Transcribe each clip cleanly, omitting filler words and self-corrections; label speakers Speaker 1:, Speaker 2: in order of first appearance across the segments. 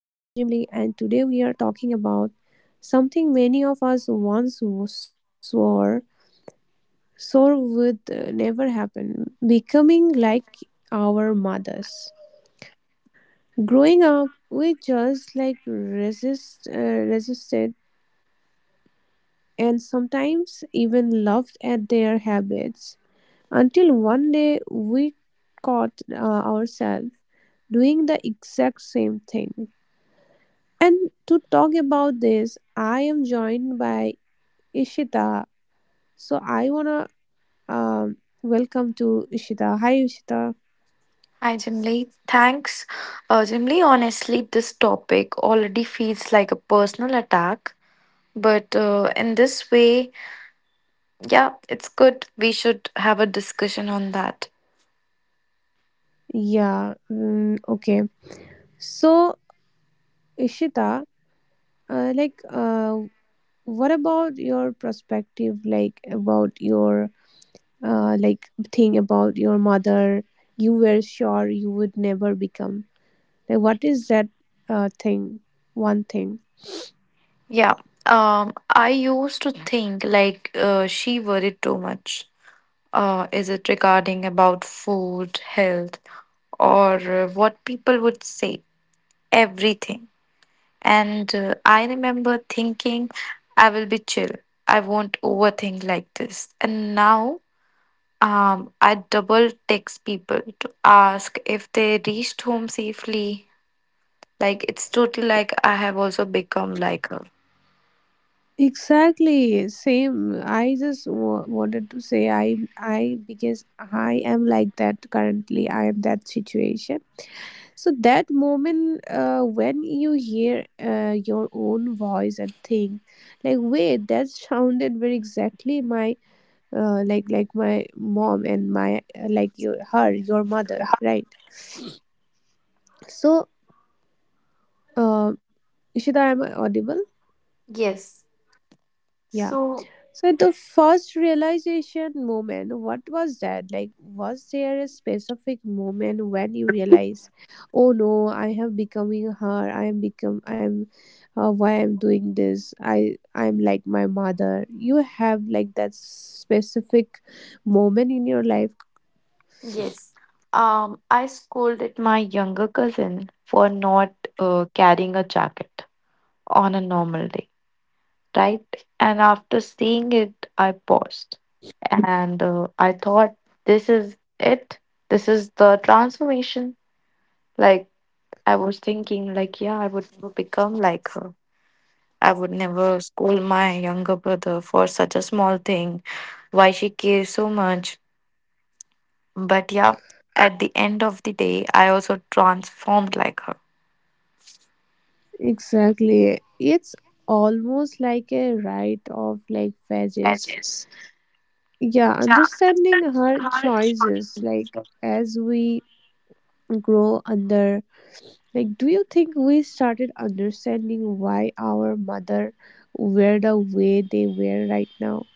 Speaker 1: I am Jim Lee and today we are talking about something many of us once swore would never happen, becoming like our mothers. Growing up, we just like resisted and sometimes even laughed at their habits until one day we caught ourselves doing the exact same thing. And to talk about this, I am joined by Ishita. So I wanna um, welcome to Ishita. Hi, Ishita.
Speaker 2: Hi, Jimly. Thanks. Jimly, honestly, this topic already feels like a personal attack. But in this way, yeah, it's good. We should have a discussion on that.
Speaker 1: Yeah. Okay. So Ishita, uh, like, uh, what about your perspective? Like about your like thing about your mother. You were sure you would never become. Like, what is that thing? One thing.
Speaker 2: Yeah. I used to think like she worried too much. Is it regarding about food, health, or what people would say? Everything. And I remember thinking, I will be chill. I won't overthink like this. And now I double text people to ask if they reached home safely. Like it's totally like I have also become like her.
Speaker 1: Exactly, same. I just wanted to say I because I am like that currently. I am that situation. So that moment when you hear your own voice and think like wait that sounded very exactly my like my mom and my your mother, right. So uh, Ishita, am I audible?
Speaker 2: Yes.
Speaker 1: Yeah.
Speaker 2: So,
Speaker 1: So the first realization moment, what was that? Like, was there a specific moment when you realize, oh no, I have becoming her. I am become. I'm. Why I'm doing this? I'm like my mother. You have like that specific moment in your life.
Speaker 2: yes. I scolded my younger cousin for not carrying a jacket on a normal day. Right? And after seeing it, I paused and I thought, this is it. This is the transformation. Like, I was thinking, like, yeah, I would never become like her. I would never scold my younger brother for such a small thing. Why she cares so much. But yeah, at the end of the day, I also transformed like her.
Speaker 1: Exactly. It's almost like a rite of like phases. Yeah, understanding her choices like as we grow under. Like, do you think we started understanding why our mother were the way they were right now?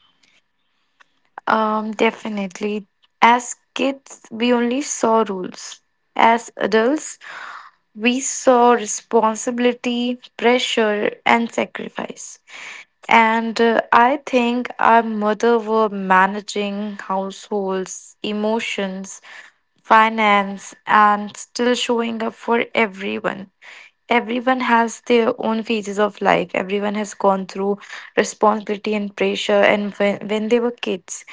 Speaker 2: Definitely. As kids, we only saw rules. As adults, we saw responsibility, pressure, and sacrifice. And I think our mother were managing households, emotions, finance, and still showing up for everyone. Everyone has their own phases of life. Everyone has gone through responsibility and pressure. And when they were kids,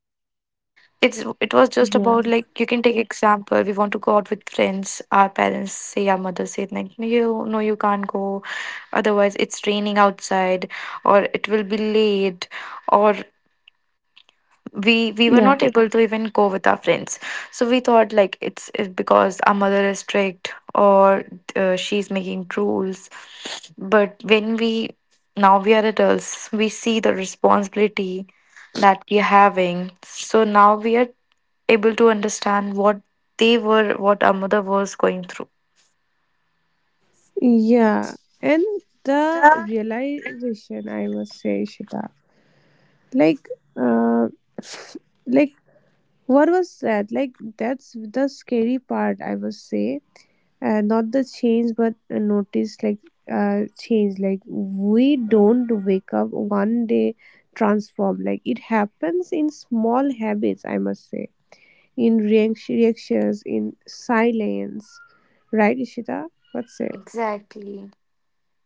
Speaker 2: it was just about like you can take
Speaker 1: Yeah,
Speaker 2: example, we want to go out with friends, our parents say, our mother said, like, "No, you can't go, otherwise it's raining outside or it will be late, or we were
Speaker 1: yeah,
Speaker 2: not able to even go with our friends." So we thought like it's because our mother is strict or she's making rules. But when we, now we are adults, we see the responsibility that we're having, so now we are able to understand what they were, what our mother was going through.
Speaker 1: yeah. And the realization, I must say, Shita, like, uh, f- like, what was that? Like, that's the scary part, I must say, not the change but notice like change, like we don't wake up one day transform. Like it happens in small habits, I must say, in reactions, in silence, right Ishita, what's it?
Speaker 2: Exactly.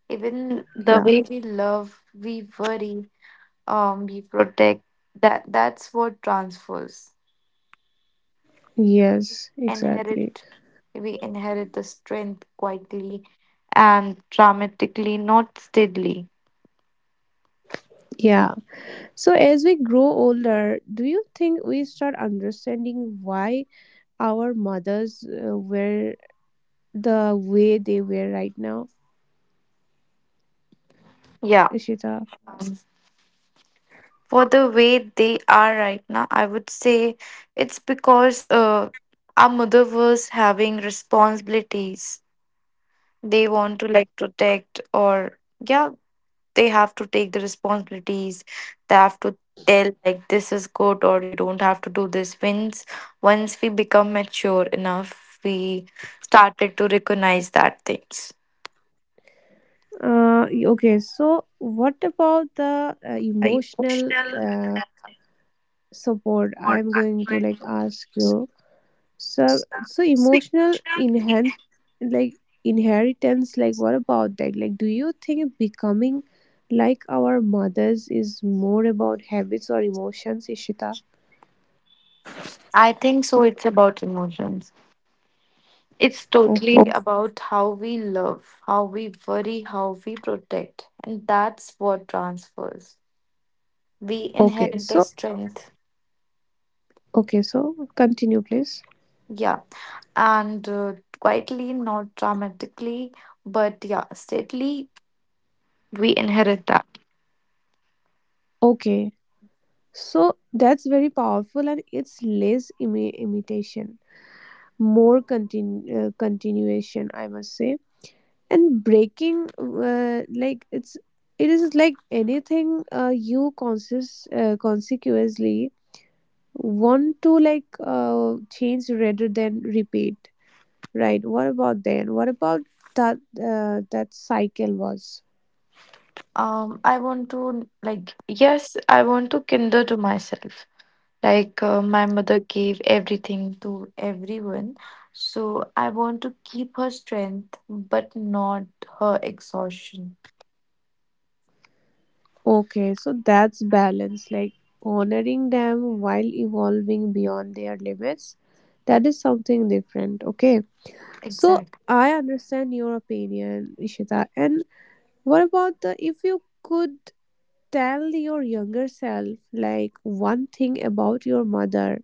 Speaker 2: Even the
Speaker 1: Yeah,
Speaker 2: way we love, we worry, we protect. That's what transfers.
Speaker 1: yes exactly.
Speaker 2: Inherit, we inherit the strength quietly and dramatically, not steadily.
Speaker 1: Yeah, so as we grow older, do you think we start understanding why our mothers were the way they were right now,
Speaker 2: Yeah.
Speaker 1: Ishita?
Speaker 2: Um, for the way they are right now, I would say it's because our mother was having responsibilities. They want to like protect, or yeah, they have to take the responsibilities. They have to tell like this is good, or you don't have to do this. Once once we become mature enough, we started to recognize that things.
Speaker 1: Okay, so what about the emotional support? I'm going to like ask you. So, so emotional inherent, like inheritance, like what about that? Like, do you think becoming like our mothers is more about habits or emotions, Ishita?
Speaker 2: I think so, it's about emotions. It's totally
Speaker 1: Okay.
Speaker 2: about how we love, how we worry, how we protect, and that's what transfers. We
Speaker 1: Okay.
Speaker 2: inherit the
Speaker 1: So,
Speaker 2: strength.
Speaker 1: okay. So, continue, please.
Speaker 2: Yeah, and quietly, not dramatically, but yeah, steadily, we inherit that.
Speaker 1: Okay. So that's very powerful, and it's less imitation. More continuation, I must say, and breaking like, it's it is like anything you conscious, consequently want to like change rather than repeat, right? What about then, what about that that cycle was.
Speaker 2: Um, I want to like, yes, I want to kinder to myself. Like my mother gave everything to everyone, so I want to keep her strength but not her exhaustion.
Speaker 1: Okay, so that's balance, like honoring them while evolving beyond their limits. That is something different, okay. So
Speaker 2: Exactly.
Speaker 1: I understand your opinion, Ishita. And what about the, if you could tell your younger self like one thing about your mother,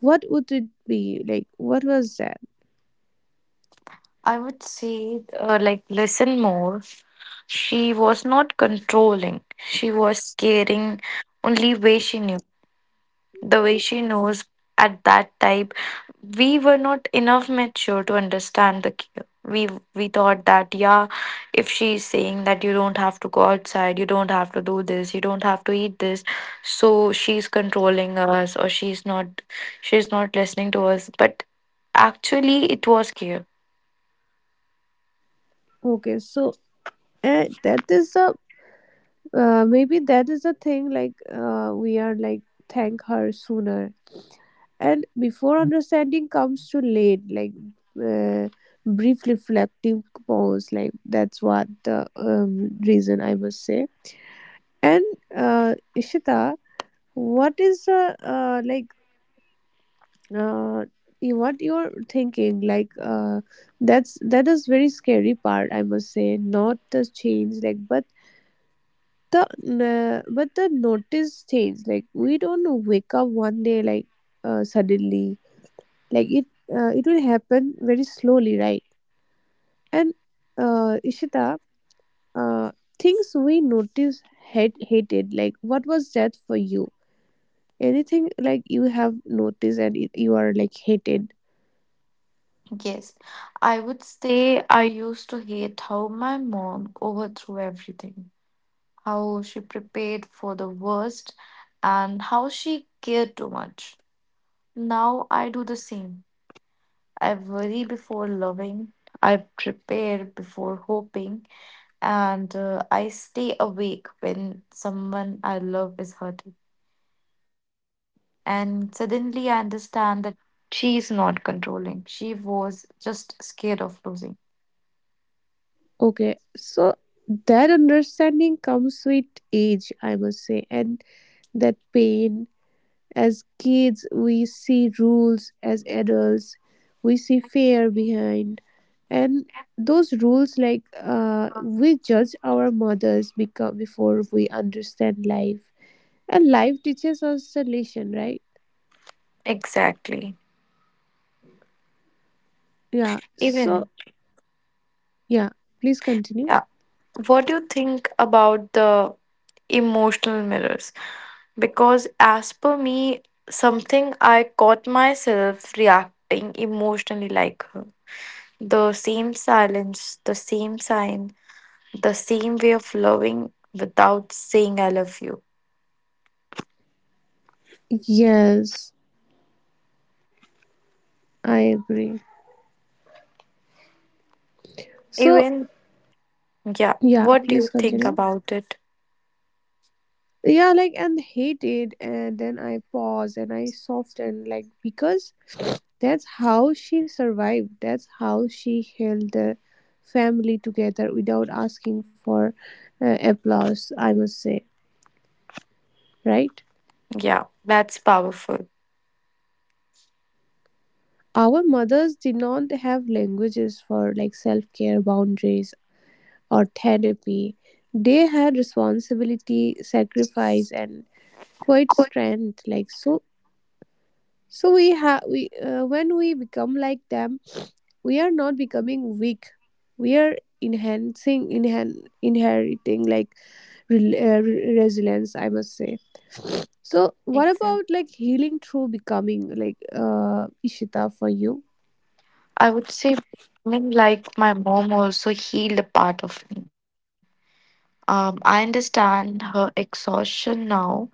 Speaker 1: what would it be? Like what was that?
Speaker 2: I would say, like, listen more. She was not controlling, she was caring. Only way she knew, the way she knows, at that time we were not enough mature to understand the care. We thought that, yeah, if she's saying that you don't have to go outside, you don't have to do this, you don't have to eat this, so she's controlling us, or she's not, she's not listening to us. But actually it was care.
Speaker 1: Okay, so that is a maybe that is the thing, like we are like, thank her sooner and before understanding comes too late, like uh, brief reflective pause, like that's what the reason I must say. And Ishita, what is the uh, what you're thinking? Like that's that is very scary part. I must say, not the change, like, the but the notice change. Like we don't wake up one day like suddenly. Like it it will happen very slowly, right? And Ishita, uh, things we notice hated. Like what was that for you? Anything like you have noticed and you are like hated.
Speaker 2: Yes. I would say I used to hate how my mom overthrew everything. How she prepared for the worst and how she cared too much. Now I do the same. I worry before loving, I prepare before hoping, and I stay awake when someone I love is hurting. And suddenly I understand that she is not controlling, she was just scared of losing.
Speaker 1: Okay, so that understanding comes with age, I must say, and that pain. As kids we see rules, as adults we see fear behind, and those rules, like we judge our mothers because before we understand life, and life teaches us the lesson, right?
Speaker 2: Exactly.
Speaker 1: Yeah, so
Speaker 2: Even,
Speaker 1: yeah, please continue.
Speaker 2: yeah. What do you think about the emotional mirrors? Because, as per me, something I caught myself reacting emotionally like her. The same silence, the same sign, the same way of loving without saying I love you.
Speaker 1: Yes, I agree. So,
Speaker 2: Even, yeah,
Speaker 1: yeah,
Speaker 2: what do
Speaker 1: please
Speaker 2: you think
Speaker 1: continue.
Speaker 2: about it?
Speaker 1: Yeah, like, and hate it, and then I pause and I soften, like, because that's how she survived. That's how she held the family together without asking for applause, I must say, right?
Speaker 2: Yeah, that's powerful.
Speaker 1: Our mothers did not have languages for like self care boundaries or therapy. They had responsibility, sacrifice, and quite strength like so. So we have we when we become like them, we are not becoming weak. We are enhancing, inheriting like resilience, I must say. So what
Speaker 2: Exactly.
Speaker 1: about like healing through becoming like Ishita for you?
Speaker 2: I would say becoming like my mom also healed a part of me. I understand her exhaustion now,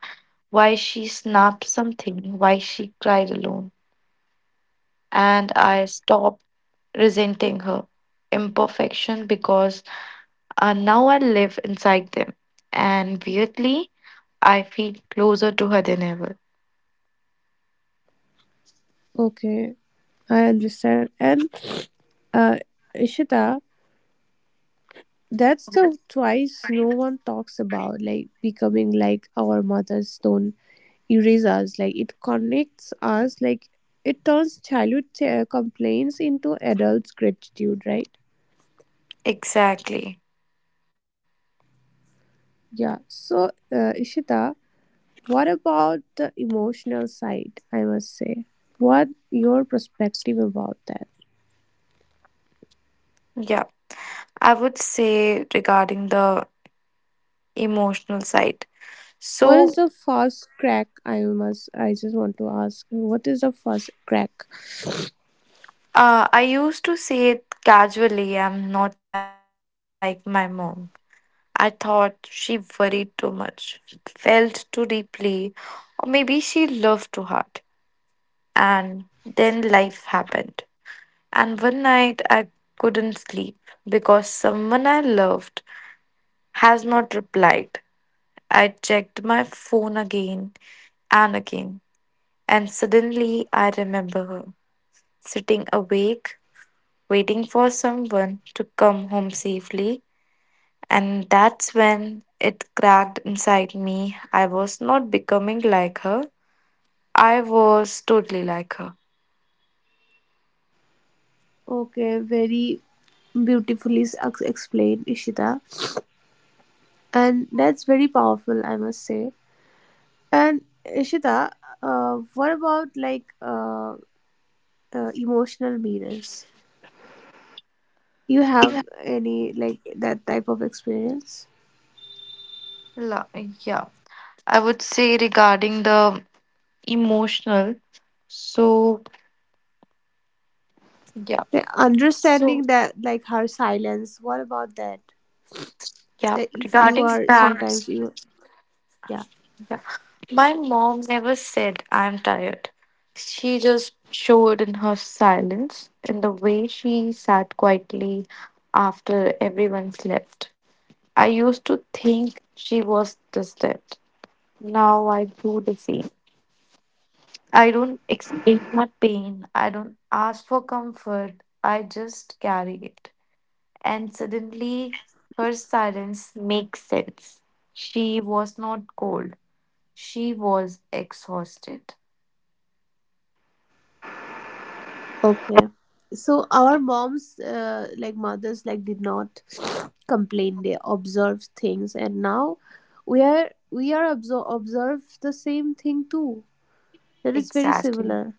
Speaker 2: why she snapped something, why she cried alone. And I stopped resenting her imperfection because, now I live inside them, and weirdly, I feel closer to her than ever.
Speaker 1: Okay, I understand. And uh, Ishita, that's the twice no one talks about, like becoming like our mothers don't erasers, like it connects us, like it turns childhood complaints into adults gratitude, right?
Speaker 2: Exactly.
Speaker 1: Yeah, so Ishita, what about the emotional side I must say, what your perspective about that?
Speaker 2: Yeah. I would say regarding the emotional side.
Speaker 1: What is
Speaker 2: So,
Speaker 1: the first crack, I must, I just want to ask, what is the first crack?
Speaker 2: I used to say it casually, I'm not like my mom. I thought she worried too much, felt too deeply, or maybe she loved too hard. And then life happened. And one night I couldn't sleep because someone I loved has not replied. I checked my phone again and again, and suddenly I remember her sitting awake, waiting for someone to come home safely. And that's when it cracked inside me. I was not becoming like her, I was totally like her.
Speaker 1: Okay, very beautifully explained Ishita, and that's very powerful, I must say. And Ishita, what about like emotional mirrors? You have any like that type of experience?
Speaker 2: La- yeah, I would say regarding the emotional. So yeah.
Speaker 1: The
Speaker 2: So
Speaker 1: understanding that like her silence. What about that?
Speaker 2: yeah,
Speaker 1: That if you
Speaker 2: regarding
Speaker 1: are
Speaker 2: that,
Speaker 1: sometimes you, yeah,
Speaker 2: yeah. My mom never said I'm tired. She just showed in her silence, in the way she sat quietly after everyone slept. I used to think she was distant. Now I do the same. I don't explain my pain. I don't ask for comfort. I just carry it. And suddenly, her silence makes sense. She was not cold, she was exhausted.
Speaker 1: okay. So our moms, like mothers, like did not complain. They observed things, and now we are observe the same thing too. That is very
Speaker 2: Exactly.
Speaker 1: similar.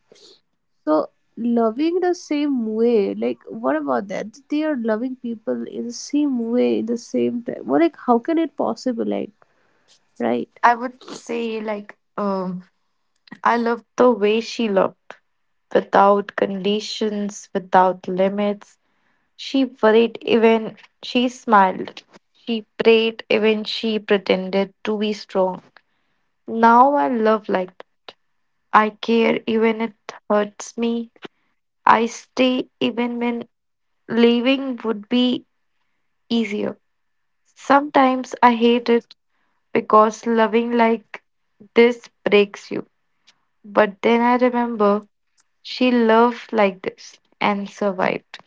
Speaker 1: So loving the same way, like what about that? They are loving people in the same way, in the same time. Well, like how can it possible? Like, right?
Speaker 2: I would say, like, I love the way she looked without conditions, without limits. She worried even she smiled. She prayed even she pretended to be strong. Now I love like, I care even it hurts me. I stay even when leaving would be easier. Sometimes I hate it because loving like this breaks you. But then I remember she loved like this and survived.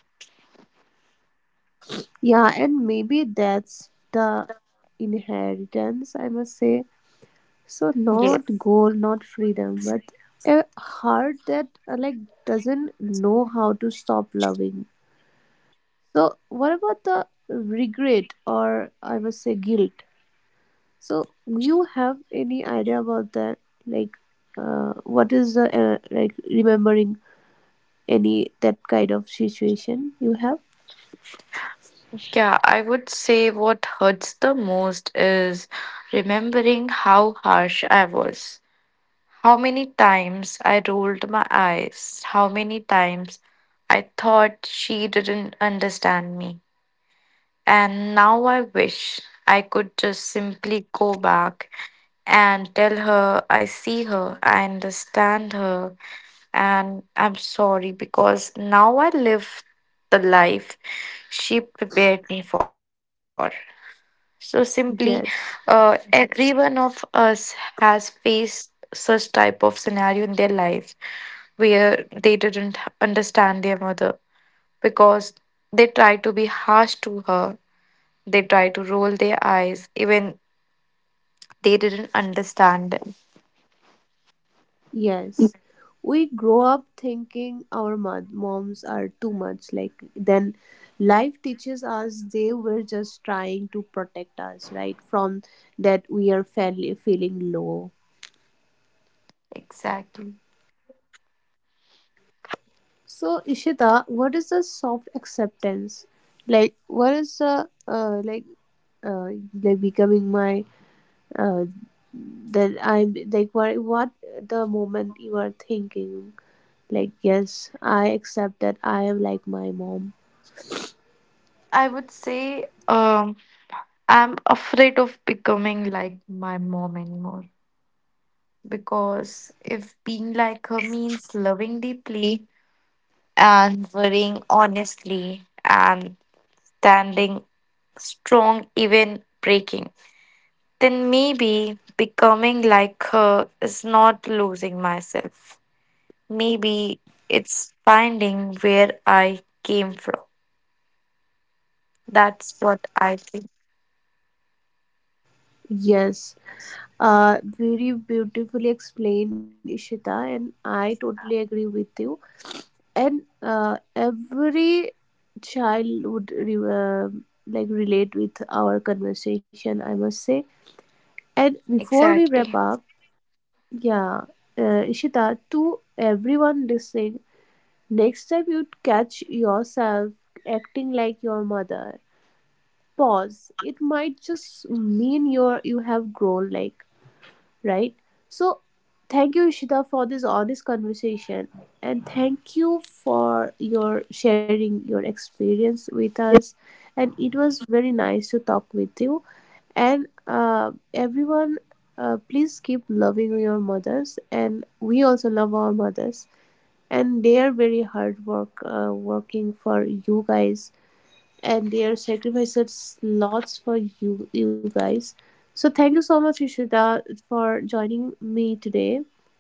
Speaker 1: Yeah, and maybe that's the inheritance, I must say. So
Speaker 2: Yes.
Speaker 1: not gold, not freedom, but a heart that like doesn't know how to stop loving. So what about the regret, or I must say guilt? So you have any idea about that? Like, what is the like remembering any that kind of situation you have?
Speaker 2: Yeah, I would say what hurts the most is remembering how harsh I was. How many times I rolled my eyes, how many times I thought she didn't understand me. And now I wish I could just simply go back and tell her I see her, I understand her, and I'm sorry, because now I live the life she prepared me for. So simply,
Speaker 1: Yes,
Speaker 2: every one of us has faced such type of scenario in their life where they didn't understand their mother because they tried to be harsh to her, they tried to roll their eyes, even they didn't understand them.
Speaker 1: yes. We grow up thinking our moms are too much. Like then, life teaches us they were just trying to protect us, right, from that we are fairly feeling low.
Speaker 2: Exactly.
Speaker 1: So Ishita, what is the soft acceptance? Like, what is the like? uh, like becoming my uh, that I'm like, what the moment you are thinking, like yes I accept that I am like my mom.
Speaker 2: I would say, I'm afraid of becoming like my mom anymore, because if being like her means loving deeply and worrying honestly and standing strong, even breaking, then maybe becoming like her is not losing myself. Maybe it's finding where I came from. That's what I think.
Speaker 1: Yes, very beautifully explained Ishita, and I totally agree with you. And every child would like relate with our conversation, I must say. And before we
Speaker 2: Exactly.
Speaker 1: wrap up, yeah, Ishita, to everyone listening, next time you catch yourself acting like your mother, pause. It might just mean you're, you have grown like, right? So thank you Ishita for this honest conversation, and thank you for your sharing your experience with us. And it was very nice to talk with you. And everyone, please keep loving your mothers, and we also love our mothers. And they're very hard work, working for you guys, and they're sacrifices lots for you guys. So thank you so much Ishita for joining me today.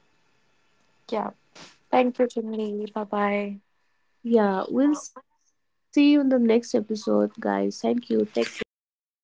Speaker 2: Yeah. Thank you, Jimmy. Bye bye.
Speaker 1: Yeah, we'll see you in the next episode guys, thank you, take care.